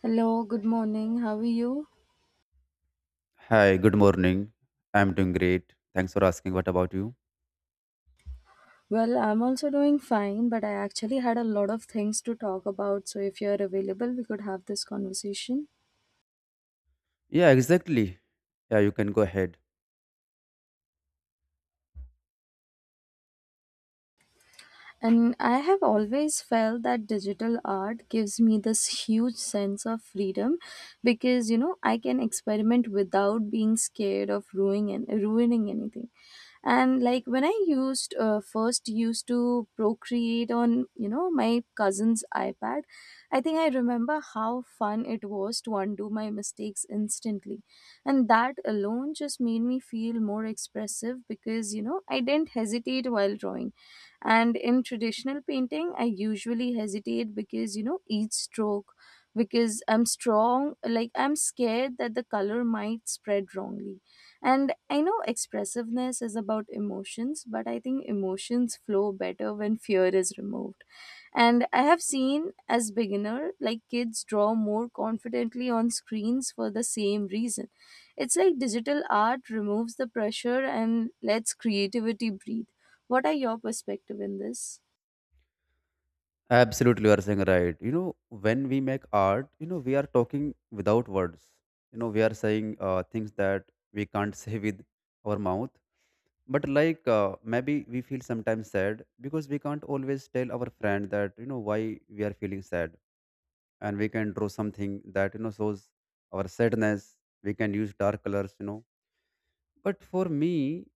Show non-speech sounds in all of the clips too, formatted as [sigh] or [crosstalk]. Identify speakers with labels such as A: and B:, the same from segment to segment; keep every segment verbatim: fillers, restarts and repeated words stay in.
A: Hello, good morning. How are you?
B: Hi, good morning. I'm doing great. Thanks for asking. What about you?
A: Well, I'm also doing fine, but I actually had a lot of things to talk about. So if you're available, we could have this conversation.
B: Yeah, exactly. Yeah, you can go ahead.
A: And I have always felt that digital art gives me this huge sense of freedom because you know I can experiment without being scared of ruining and ruining anything. And like when I used uh, first used to procreate on you know my cousin's iPad, I think I remember how fun it was to undo my mistakes instantly, and that alone just made me feel more expressive because you know I didn't hesitate while drawing. And in traditional painting I usually hesitate because you know each stroke, because I'm strong, like I'm scared that the color might spread wrongly. And I know expressiveness is about emotions, but I think emotions flow better when fear is removed. And I have seen as beginner like kids draw more confidently on screens for the same reason. It's like digital art removes the pressure and lets creativity breathe. What are your perspective in this?
B: Absolutely, you are saying right. You know, when we make art, you know, we are talking without words. You know, we are saying uh, things that we can't [laughs] say with our mouth. But like uh, maybe we feel sometimes sad because we can't always tell our friend that you know why we are feeling sad, and we can draw something that you know shows our sadness. We can use dark colors, you know. But for me,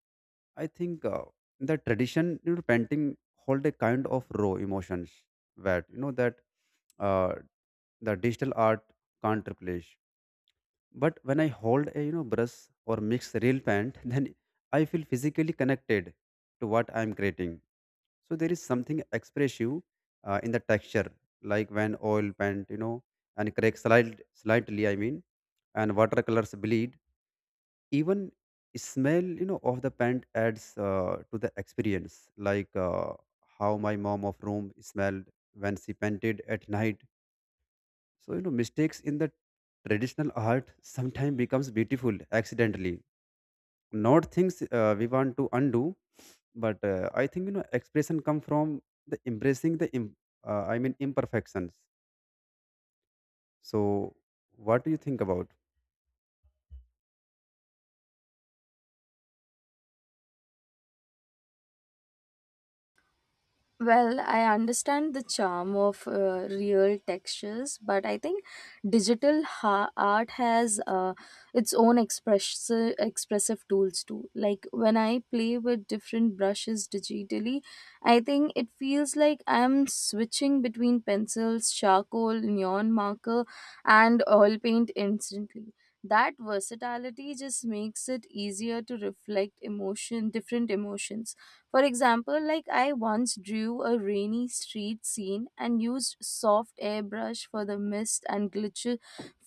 B: I think uh, the tradition, you know, painting hold a kind of raw emotions that you know that uh, the digital art can't replace. But when I hold a you know brush or mix real paint, [laughs] then I feel physically connected to what I'm creating. So there is something expressive uh, in the texture, like when oil paint, you know, and cracks slight, slightly. I mean, and watercolors bleed even smell you know of the pant adds uh, to the experience like uh, how my mom of room smelled when she painted at night. So you know mistakes in the traditional art sometimes becomes beautiful accidentally, not things uh, we want to undo. But uh, I think you know expression come from the embracing the im- uh, i mean imperfections so what do you think about?
A: Well, I understand the charm of uh, real textures, but I think digital ha- art has uh, its own express- expressive tools too. Like when I play with different brushes digitally, I think it feels like I'm switching between pencils, charcoal, neon marker, and oil paint instantly. That versatility just makes it easier to reflect emotion, different emotions. For example, like I once drew a rainy street scene and used soft airbrush for the mist and glitch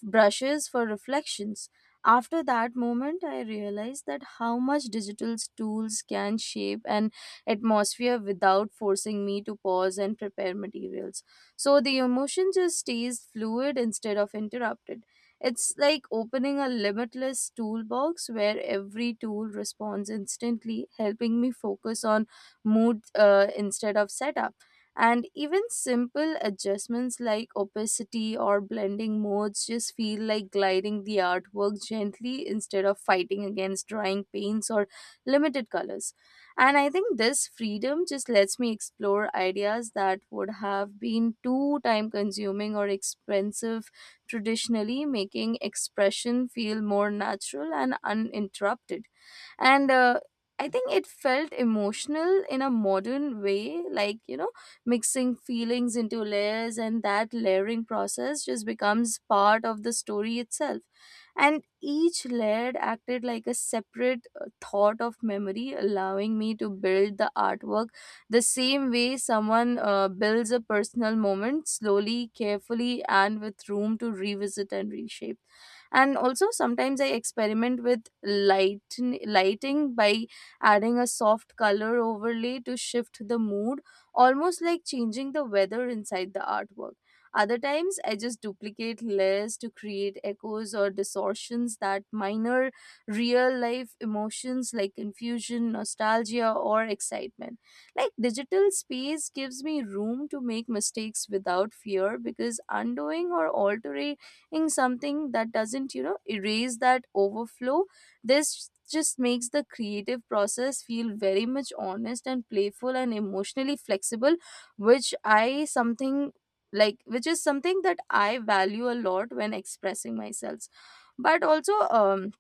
A: brushes for reflections. After that moment, I realized that how much digital tools can shape an atmosphere without forcing me to pause and prepare materials. So the emotion just stays fluid instead of interrupted. It's like opening a limitless toolbox where every tool responds instantly, helping me focus on mood uh, instead of setup. And even simple adjustments like opacity or blending modes just feel like gliding the artwork gently instead of fighting against drying paints or limited colors. And I think this freedom just lets me explore ideas that would have been too time consuming or expensive traditionally, making expression feel more natural and uninterrupted. And uh, I think it felt emotional in a modern way, like, you know, mixing feelings into layers, and that layering process just becomes part of the story itself. And each layer acted like a separate uh, thought of memory, allowing me to build the artwork the same way someone uh, builds a personal moment slowly, carefully, and with room to revisit and reshape. And also sometimes I experiment with light lighting by adding a soft color overlay to shift the mood, almost like changing the weather inside the artwork. Other times I just duplicate layers to create echoes or distortions that minor real life emotions like confusion, nostalgia, or excitement. Like digital space gives me room to make mistakes without fear, because undoing or altering in something that doesn't you know erase that overflow. This just makes the creative process feel very much honest and playful and emotionally flexible, which i something like which is something that I value a lot when expressing myself. But also um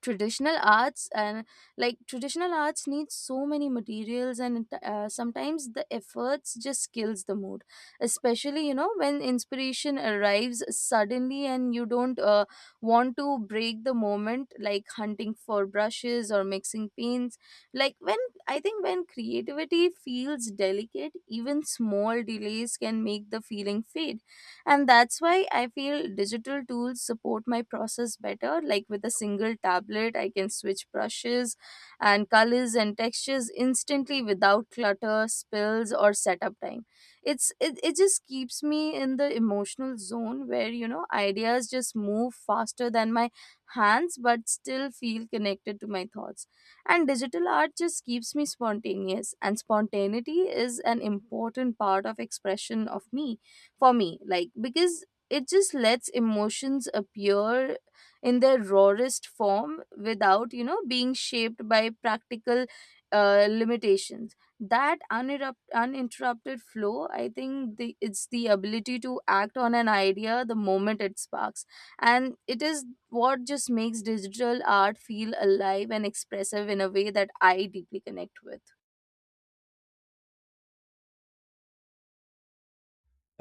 A: traditional arts and like traditional arts needs so many materials, and uh, sometimes the efforts just kills the mood, especially you know when inspiration arrives suddenly and you don't uh, want to break the moment like hunting for brushes or mixing paints. Like when i think when creativity feels delicate, even small delays can make the feeling fade. And that's why I feel digital tools support my process better. Like with a single tablet, I can switch brushes and colors and textures instantly without clutter, spills, or setup time. It's it, it just keeps me in the emotional zone where you know ideas just move faster than my hands but still feel connected to my thoughts. And digital art just keeps me spontaneous, and spontaneity is an important part of expression of me for me, like, because it just lets emotions appear in their rawest form without you know being shaped by practical uh, limitations. That uninterrupt, uninterrupted flow, I think the, it's the ability to act on an idea the moment it sparks, and it is what just makes digital art feel alive and expressive in a way that I deeply connect with.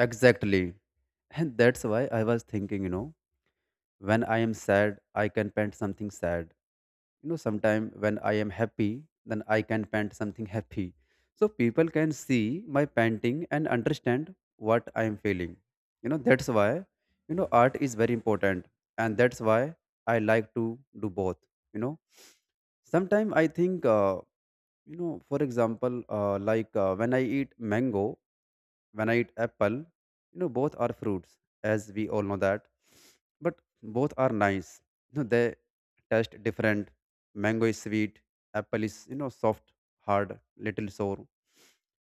B: Exactly. And that's why I was thinking, you know, when I am sad, I can paint something sad, you know. Sometime when I am happy, then I can paint something happy, so people can see my painting and understand what I am feeling. You know, that's why, you know, art is very important. And that's why I like to do both, you know. Sometimes I think uh, you know, for example, uh, like uh, when I eat mango, when I eat apple, you know, both are fruits, as we all know that. But both are nice. You know, they taste different. Mango is sweet, apple is, you know, soft, hard, little sour.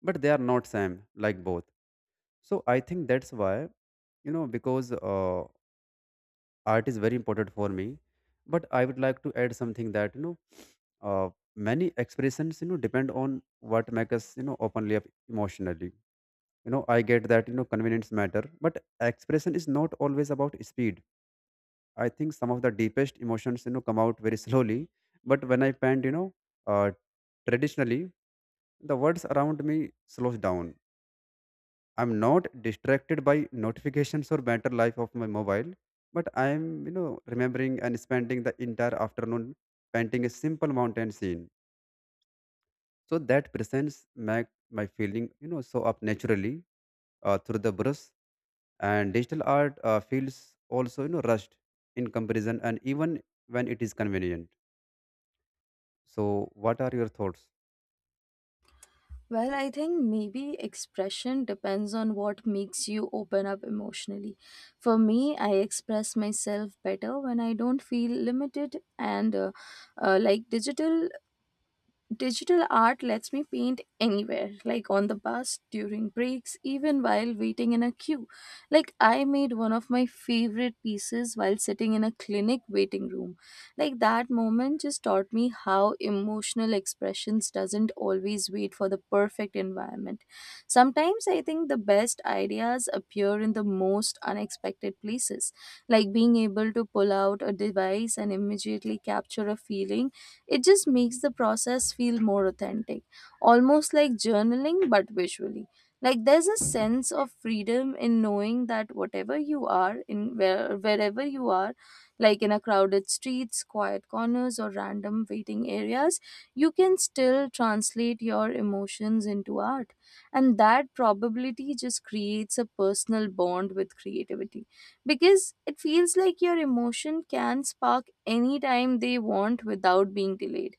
B: But they are not same like both. So I think that's why, you know, because uh, art is very important for me. But I would like to add something that, you know, uh, many expressions you know depend on what makes us you know openly up emotionally. You know, I get that you know convenience matter, but expression is not always about speed. I think some of the deepest emotions you know come out very [laughs] slowly. But when I paint, you know, uh, traditionally, the words around me slows down. I'm not distracted by notifications or better life of my mobile, but I'm you know remembering and spending the entire afternoon painting a simple mountain scene. So that presence make my feeling, you know, show up naturally uh, through the brush. And digital art uh, feels also, you know, rushed in comparison, and even when it is convenient. So, what are your thoughts?
A: Well, I think maybe expression depends on what makes you open up emotionally. For me, I express myself better when I don't feel limited, and uh, uh, like digital digital art lets me paint anywhere, like on the bus, during breaks, even while waiting in a queue. Like, I made one of my favorite pieces while sitting in a clinic waiting room. Like, that moment just taught me how emotional expressions doesn't always wait for the perfect environment. Sometimes I think the best ideas appear in the most unexpected places, like being able to pull out a device and immediately capture a feeling, it just makes the process feel more authentic, almost like journaling but visually. Like there's a sense of freedom in knowing that whatever you are in where, wherever you are, like in a crowded streets, quiet corners, or random waiting areas, you can still translate your emotions into art. And that probability just creates a personal bond with creativity, because it feels like your emotion can spark anytime they want without being delayed.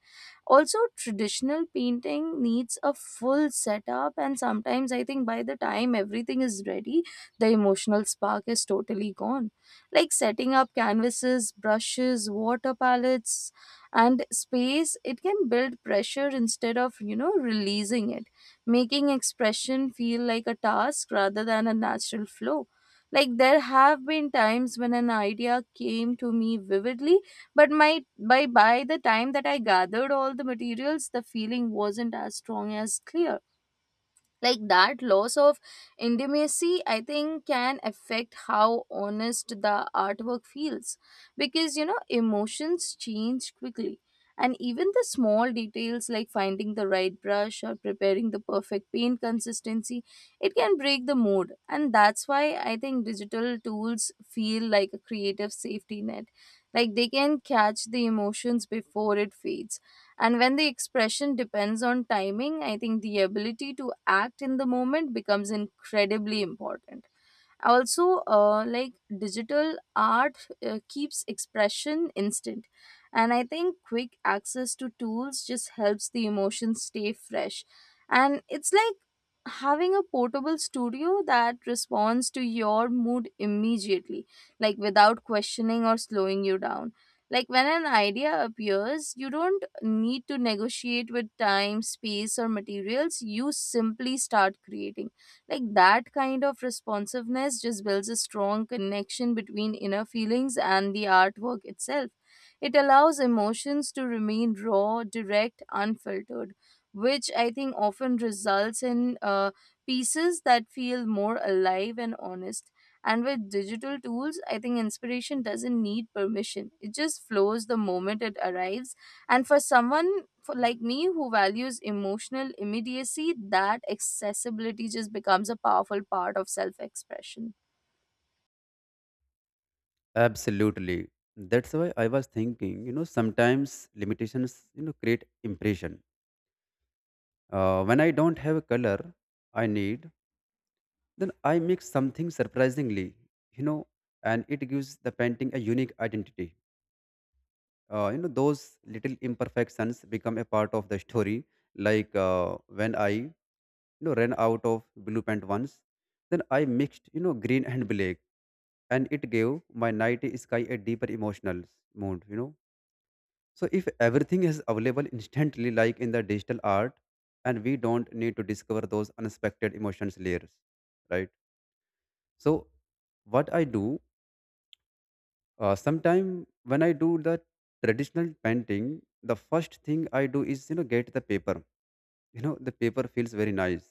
A: Also, traditional painting needs a full setup, and sometimes I think by the time everything is ready, the emotional spark is totally gone. Like setting up canvases, brushes, water, palettes, and space, it can build pressure instead of you know releasing it, making expression feel like a task rather than a natural flow. Like there have been times when an idea came to me vividly, but my by by the time that I gathered all the materials, the feeling wasn't as strong as clear. Like that loss of intimacy, I think, can affect how honest the artwork feels, because you know emotions change quickly. And even the small details like finding the right brush or preparing the perfect paint consistency, it can break the mood. And that's why I think digital tools feel like a creative safety net. Like they can catch the emotions before it fades. And when the expression depends on timing, I think the ability to act in the moment becomes incredibly important. Also, uh, like digital art uh, keeps expression instant, and I think quick access to tools just helps the emotions stay fresh. And it's like having a portable studio that responds to your mood immediately, like without questioning or slowing you down. Like when an idea appears, you don't need to negotiate with time, space, or materials. You simply start creating. Like that kind of responsiveness just builds a strong connection between inner feelings and the artwork itself. It allows emotions to remain raw, direct, unfiltered, which I think often results in uh, pieces that feel more alive and honest. And with digital tools, I think inspiration doesn't need permission. It just flows the moment it arrives. And for someone for like me who values emotional immediacy, that accessibility just becomes a powerful part of self expression.
B: Absolutely. That's why I was thinking, you know, sometimes limitations, you know, create impression. Uh, when I don't have a color I need, then I mix something surprisingly, you know, and it gives the painting a unique identity. Uh, you know those little imperfections become a part of the story, like uh, when I you know ran out of blue paint once, then I mixed you know green and black, and it gave my night sky a deeper emotional mood, you know. So if everything is available instantly like in the digital art, and we don't need to discover those unexpected emotions layers, right? So what I do. Uh, sometime when I do the traditional painting, the first thing I do is you know get the paper. You know the paper feels very nice,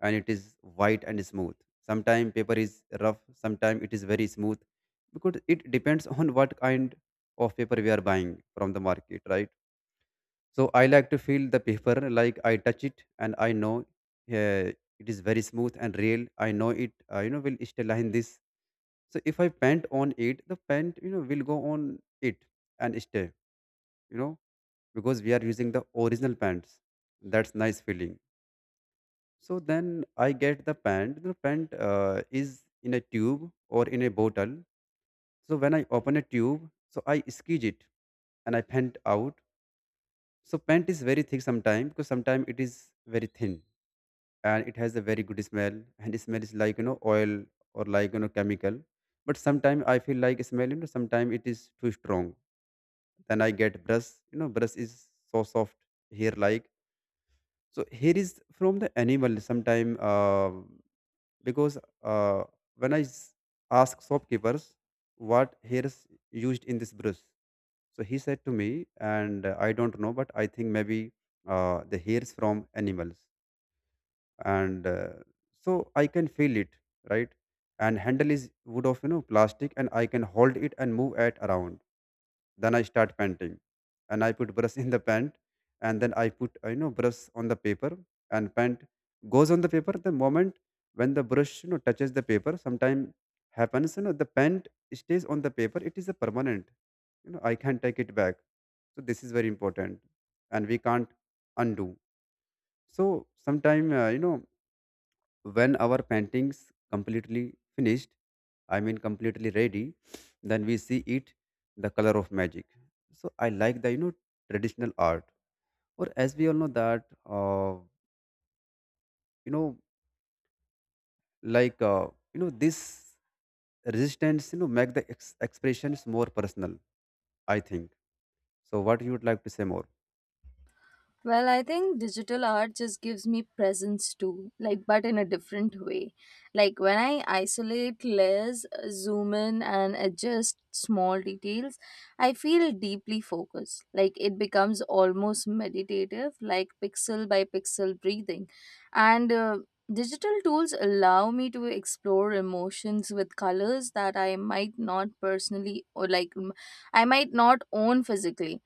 B: and it is white and smooth. Sometimes paper is rough, sometimes it is very smooth, because it depends [laughs] on what kind of paper we are buying from the market, right? So I like to feel the paper [laughs] like I touch it and I know uh, it is very smooth and real. I know it uh, you know will stay like this. So if I pant on it, the pant you know will go on it and stay, you know, because we are using the original pants. That's nice feeling. So then I get the pant. The pant uh, is in a tube or in a bottle. So when I open a tube, so I squeeze it and I pant out. So pant is very thick sometimes, because sometimes it is very thin. And it has a very good smell, and it smells like you know oil or like you know chemical. But sometimes I feel like smell, you know, sometimes it is too strong. Then I get brush. You know, brush is so soft here. Like so, here is from the animal. Sometime uh, because uh, when I s- ask shopkeepers what hair is used in this brush, so he said to me, and uh, I don't know, but I think maybe uh, the hairs from animals, and uh, so I can feel it, right? And handle is wood of you know plastic, and I can hold it and move it around. Then I start painting, and I put brush [laughs] in the paint, and then I put you know brush on the paper, and paint goes on the paper. The moment when the brush you know touches the paper, sometime happens you know the paint stays on the paper. It is a permanent. You know I can't take it back. So this is very important, and we can't undo. So sometime uh, you know when our painting's completely finished, I mean completely ready, then we see it the color of magic. So I like the you know traditional art, or as we all know that uh, you know like uh, you know this resistance you know make the ex- expressions more personal. I think so. What you would like to say more?
A: Well, I think digital art just gives me presence too, like, but in a different way. Like, when I isolate layers, uh, zoom in, and adjust small details, I feel deeply focused. Like, it becomes almost meditative, like pixel by pixel breathing. And uh, digital tools allow me to explore emotions with colors that I might not personally or like m- I might not own physically.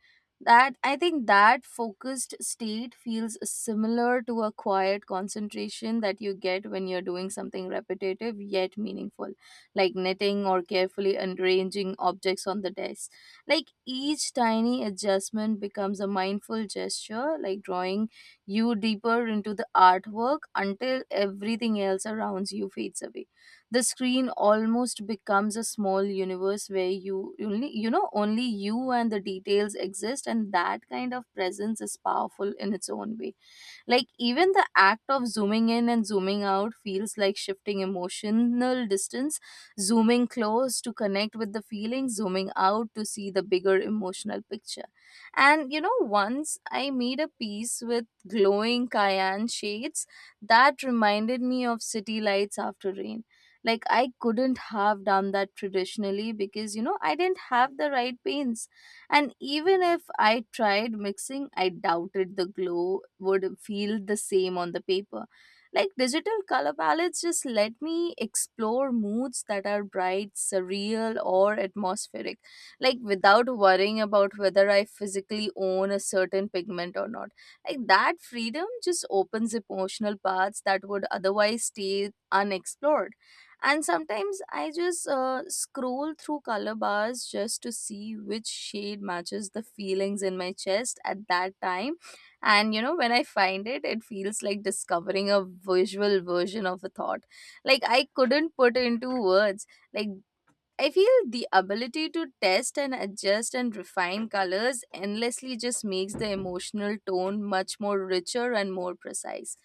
A: That, I think, that focused state feels similar to a quiet concentration that you get when you're doing something repetitive yet meaningful, like knitting or carefully arranging objects on the desk. Like each tiny adjustment becomes a mindful gesture, like drawing you deeper into the artwork until everything else around you fades away. The screen almost becomes a small universe where you only you know only you and the details exist, and that kind of presence is powerful in its own way. Like, even the act of zooming in and zooming out feels like shifting emotional distance, zooming close to connect with the feeling, zooming out to see the bigger emotional picture. And you know, once I made a piece with glowing cayenne shades that reminded me of city lights after rain. Like, I couldn't have done that traditionally, because you know, I didn't have the right paints, and even if I tried mixing, I doubted the glow would feel the same on the paper. Like digital color palettes just let me explore moods that are bright, surreal, or atmospheric, like without worrying about whether I physically own a certain pigment or not. Like that freedom just opens emotional paths that would otherwise stay unexplored, and sometimes I just uh, scroll through color bars just to see which shade matches the feelings in my chest at that time. And you know when I find it, it feels like discovering a visual version of a thought like I couldn't put into words. Like I feel the ability to test and adjust and refine colors endlessly just makes the emotional tone much more richer and more precise.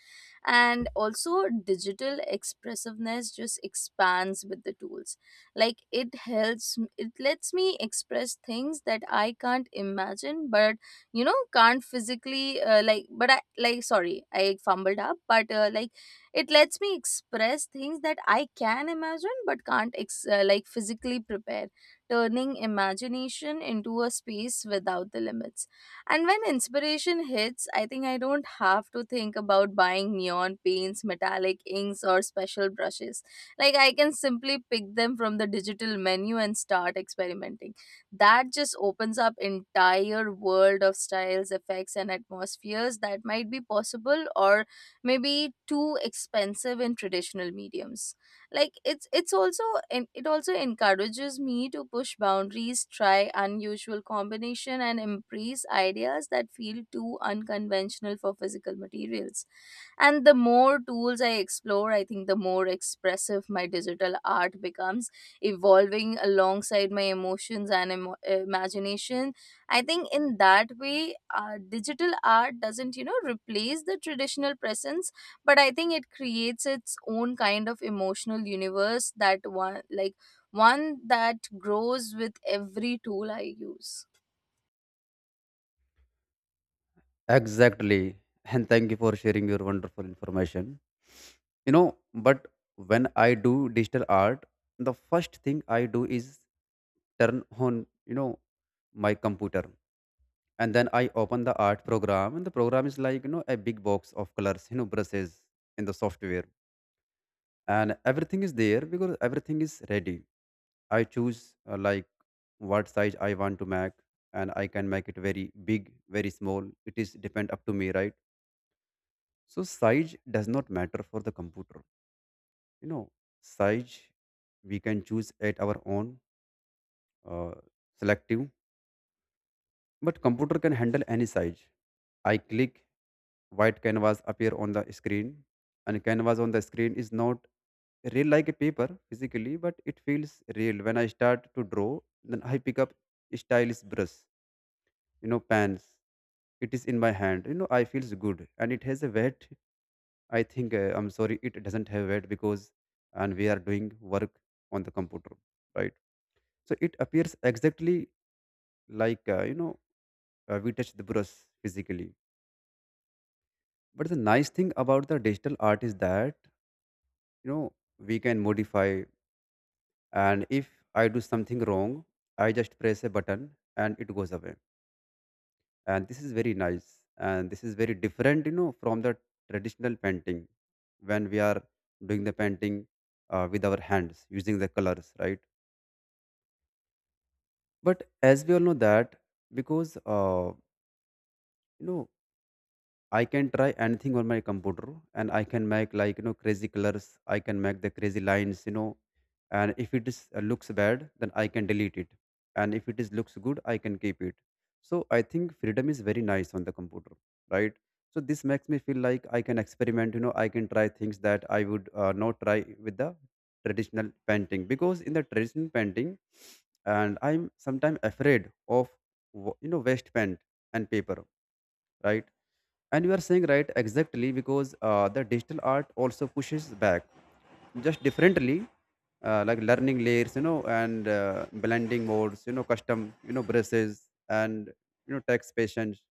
A: And also, digital expressiveness just expands with the tools. Like it helps, it lets me express things that I can't imagine, but you know, can't physically, uh, like, but I, like, sorry, I fumbled up, but uh, like, it lets me express things that I can imagine but can't ex- uh, like physically prepare, turning imagination into a space without the limits. And when inspiration hits, I think I don't have to think about buying neon paints, metallic inks, or special brushes. Like I can simply pick them from the digital menu and start experimenting. That just opens up entire world of styles, effects, and atmospheres that might be possible or maybe too expensive in traditional mediums. Like it's it's also en- it also encourages me to push boundaries, try unusual combination and embrace ideas that feel too unconventional for physical materials. And the more tools I explore, I think the more expressive my digital art becomes, evolving alongside my emotions and emo- imagination. I think in that way, uh, digital art doesn't you know replace the traditional presence, but I think it creates its own kind of emotional universe that one like one that grows with every tool I use.
B: Exactly, and thank you for sharing your wonderful information. You know, but when I do digital art, the first thing I do is turn on you know my computer, and then I open the art program. And the program is like you know a big box of colors, you know brushes in the software. And everything is there because everything is ready. I choose uh, like what size I want to make, and I can make it very big, very small. It is depend up to me, right? So size does not matter for the computer. You know, size we can choose at our own uh, selective, but computer can handle any size. I click, white canvas appear on the screen. And canvas on the screen is not real like a paper physically, but it feels real when I start to draw. Then I pick up stylus brush, you know, pens. It is in my hand, you know, I feels good, and it has a weight. I think uh, I'm sorry, it doesn't have weight, because and we are doing work on the computer, right? So it appears exactly like uh, you know uh, we touch the brush physically. But the nice thing about the digital art is that, you know, we can modify. And if I do something wrong, I just press a button and it goes away. And this is very nice. And this is very different, you know, from the traditional painting. When we are doing the painting uh, with our hands using the colors, right? But as we all know that, because uh, you know I can try anything on my computer, and I can make like you know crazy colors. I can make the crazy lines, you know. And if it is uh, looks bad, then I can delete it. And if it is looks good, I can keep it. So I think freedom is very nice on the computer, right? So this makes me feel like I can experiment. You know, I can try things that I would uh, not try with the traditional painting, because in the traditional painting, and I'm sometimes afraid of wa- you know waste paint and paper, right? And you are saying right exactly, because uh, the digital art also pushes back just differently, uh, like learning layers you know and uh, blending modes, you know, custom you know brushes and you know text patience.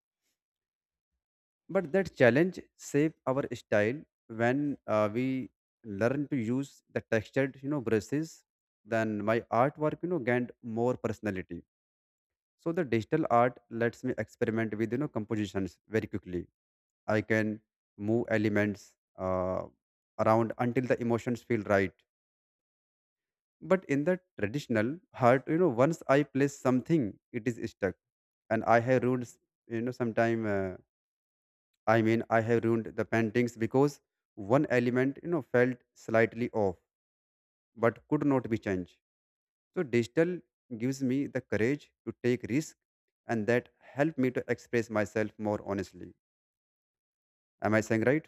B: But that challenge save our style. When uh, we learn to use the textured you know brushes, then my artwork you know gained more personality. So the digital art lets me experiment with you know compositions very quickly. I can move elements uh, around until the emotions feel right. But in the traditional heart, you know, once I place something, it is stuck, and I have ruined, s- you know, sometime uh, I mean I have ruined the paintings because one element, you know, felt slightly off but could not be changed. So digital gives me the courage to take risk, and that helped me to express myself more honestly. Am I saying right?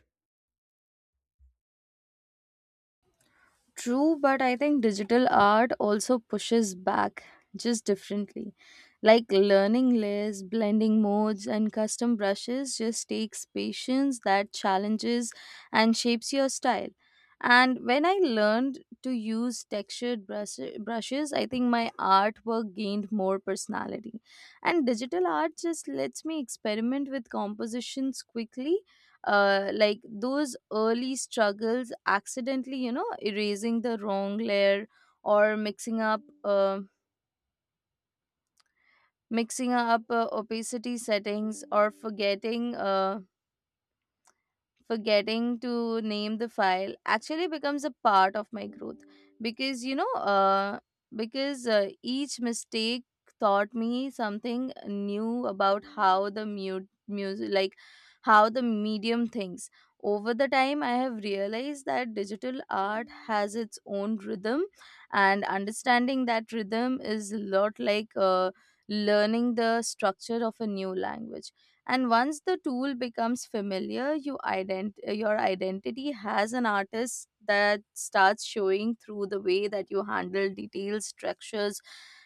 A: True, but I think digital art also pushes back just differently. Like learning layers, blending modes, and custom brushes just takes patience that challenges and shapes your style. And when I learned to use textured brush- brushes, I think my artwork gained more personality. And digital art just lets me experiment with compositions quickly. Uh, like those early struggles, accidentally you know erasing the wrong layer or mixing up uh, mixing up uh, opacity settings or forgetting uh, forgetting to name the file, actually becomes a part of my growth because you know uh, because uh, each mistake taught me something new about how the mute music like how the medium thinks. Over the time I have realized that digital art has its own rhythm, and understanding that rhythm is a lot like uh, learning the structure of a new language. And once the tool becomes familiar, you ident- your identity as an artist that starts showing through the way that you handle details, structures,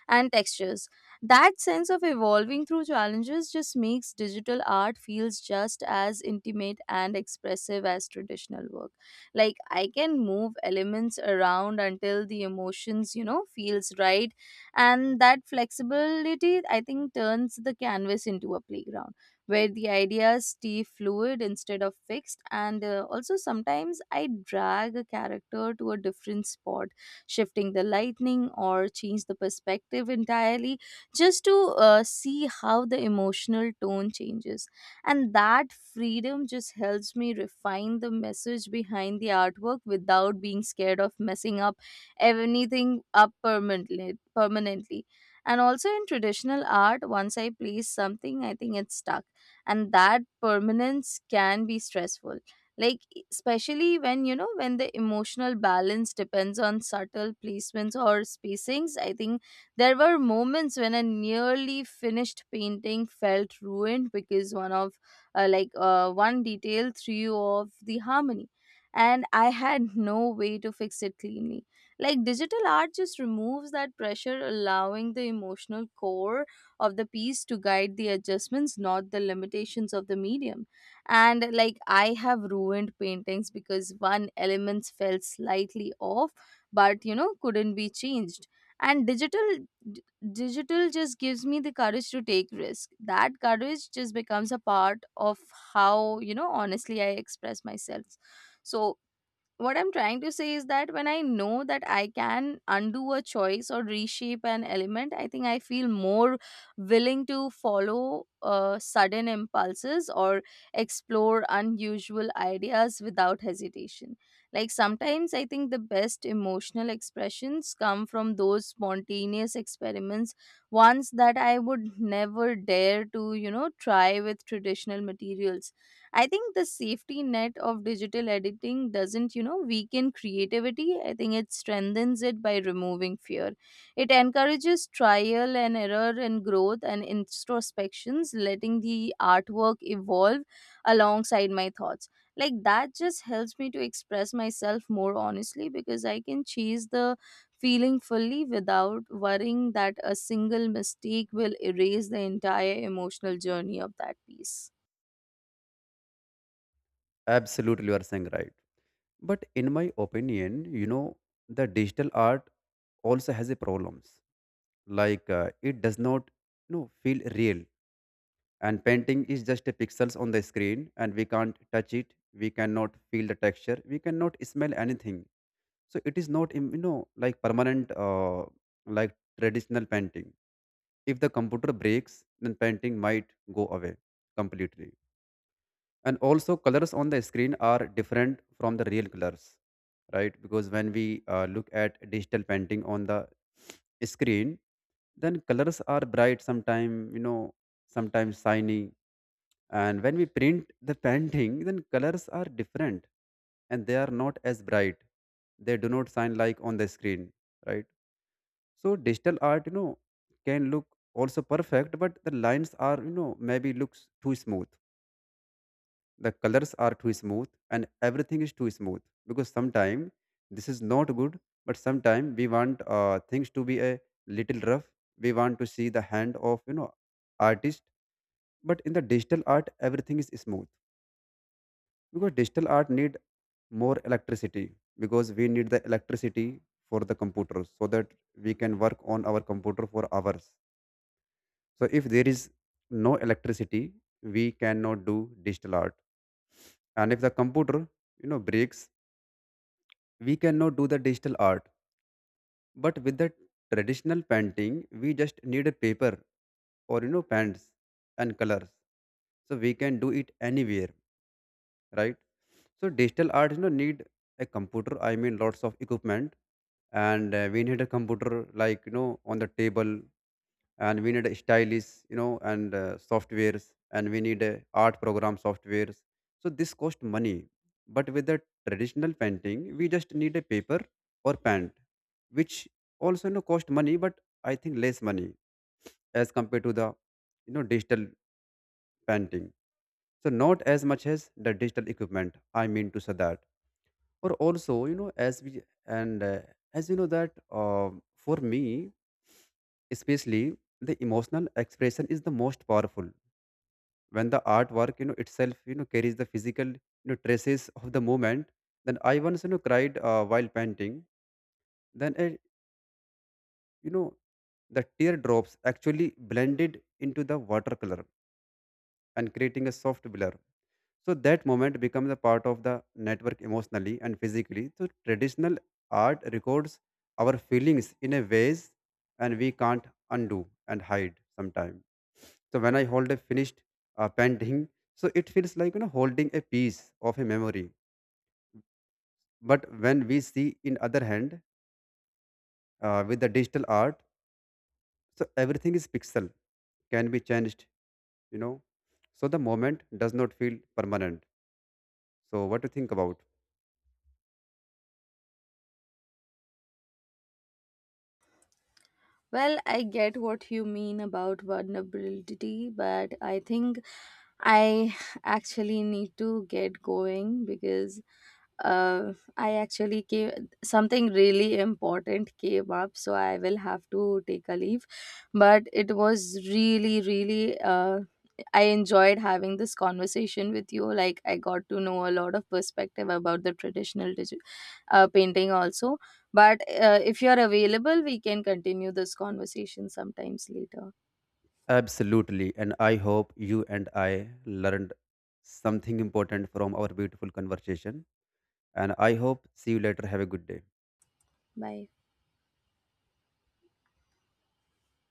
A: and textures. That sense of evolving through challenges just makes digital art feels just as intimate and expressive as traditional work. Like I can move elements around until the emotions you know feels right, and that flexibility I think turns the canvas into a playground where the ideas stay fluid instead of fixed. And uh, also, sometimes I drag a character to a different spot, shifting the lightning or change the perspective entirely just to uh, see how the emotional tone changes. And that freedom just helps me refine the message behind the artwork without being scared of messing up anything up permanently. Permanently. And also in traditional art, once I place something, I think it's stuck, and that permanence can be stressful. Like e, especially when you know when the emotional balance depends on subtle placements or spacings, I think there were moments when a nearly finished painting felt ruined because one of uh, like uh, one detail threw off the harmony, and I had no way to fix it cleanly. Like digital art just removes that pressure, allowing the emotional core of the piece to guide the adjustments, not the limitations of the medium. And like I have ruined paintings because one element fell slightly off, but you know, couldn't be changed. And digital d- digital just gives me the courage to take risk. That courage just becomes a part of how, you know, honestly I express myself. So what I'm trying to say is that when I know that I can undo a choice or reshape an element, I think I feel more willing to follow uh, sudden impulses or explore unusual ideas without hesitation. Like sometimes I think the best emotional expressions come from those spontaneous experiments, ones that I would never dare to, you know, try with traditional materials. I think the safety net of digital editing doesn't, you know, weaken creativity. I think it strengthens it by removing fear. It encourages trial and error and growth and introspections, letting the artwork evolve alongside my thoughts. Like that just helps me to express myself more honestly because I can chase the feeling fully without worrying that a single mistake will erase the entire emotional journey of that piece.
B: Absolutely, you are saying right. But in my opinion, you know, the digital art also has a problems. Like uh, it does not, you know, feel real. And painting is just a pixels on the screen, and we can't touch it. We cannot feel the texture. We cannot smell anything. So it is not, im- you know, like permanent, uh, like traditional painting. If the computer breaks, then painting might go away completely. And also, colors on the screen are different from the real colors, right? Because when we uh, look at digital painting on the screen, then colors are bright. Sometimes, you know, sometimes shiny, and when we print the [laughs] painting, then colors are different, and they are not as bright. They do not shine like on the screen, right? So digital art, you know, can look also perfect, but the lines are, you know, maybe looks too smooth. The colors are too smooth and everything is too smooth. Because sometimes this is not good, but sometimes we want uh, things to be a little rough. We want to see the hand of, you know, artist. But in the digital art, everything is smooth. Because digital art need more electricity, because we need the electricity for the computers so that we can work on our computer for hours. So if there is no electricity, we cannot do digital art. And if the computer, you know, breaks, we cannot do the digital art. But with the traditional painting, we just need a paper, or you know, pens and colors. So we can do it anywhere, right? So digital art, you know, need a computer. I mean, lots of equipment, and uh, we need a computer like, you know, on the table, and we need a stylish, you know, and uh, softwares, and we need uh, art program softwares. So this cost money. But with the traditional painting, we just need a paper or paint, which also, you know, cost money, but I think less money as compared to the, you know, digital painting. So not as much as the digital equipment, I mean to say that. Or also, you know, as we and uh, as you know that, um for me especially, the emotional expression is the most powerful when the artwork, you know, itself, you know, carries the physical, you know, traces of the moment. Then I once, you know, cried uh, while painting. Then I, you know, the teardrops actually blended into the watercolor and creating a soft blur. So that moment becomes a part of the network emotionally and physically. So traditional art records our feelings in a ways, and we can't undo and hide sometime. So when I hold a finished uh, painting, so it feels like, you know, holding a piece of a memory. But when we see in other hand, uh, with the digital art, so everything is pixel, can be changed, you know. So the moment does not feel permanent. So what do you think about?
A: Well, I get what you mean about vulnerability, but I think I actually need to get going because uh, I actually came something really important came up, so I will have to take a leave. But it was really, really uh, I enjoyed having this conversation with you. Like I got to know a lot of perspective about the traditional digi- uh, painting also, but uh, if you are available, we can continue this conversation sometimes later.
B: Absolutely. And I hope you and I learned something important from our beautiful conversation. And I hope see you later. Have a good day.
A: Bye.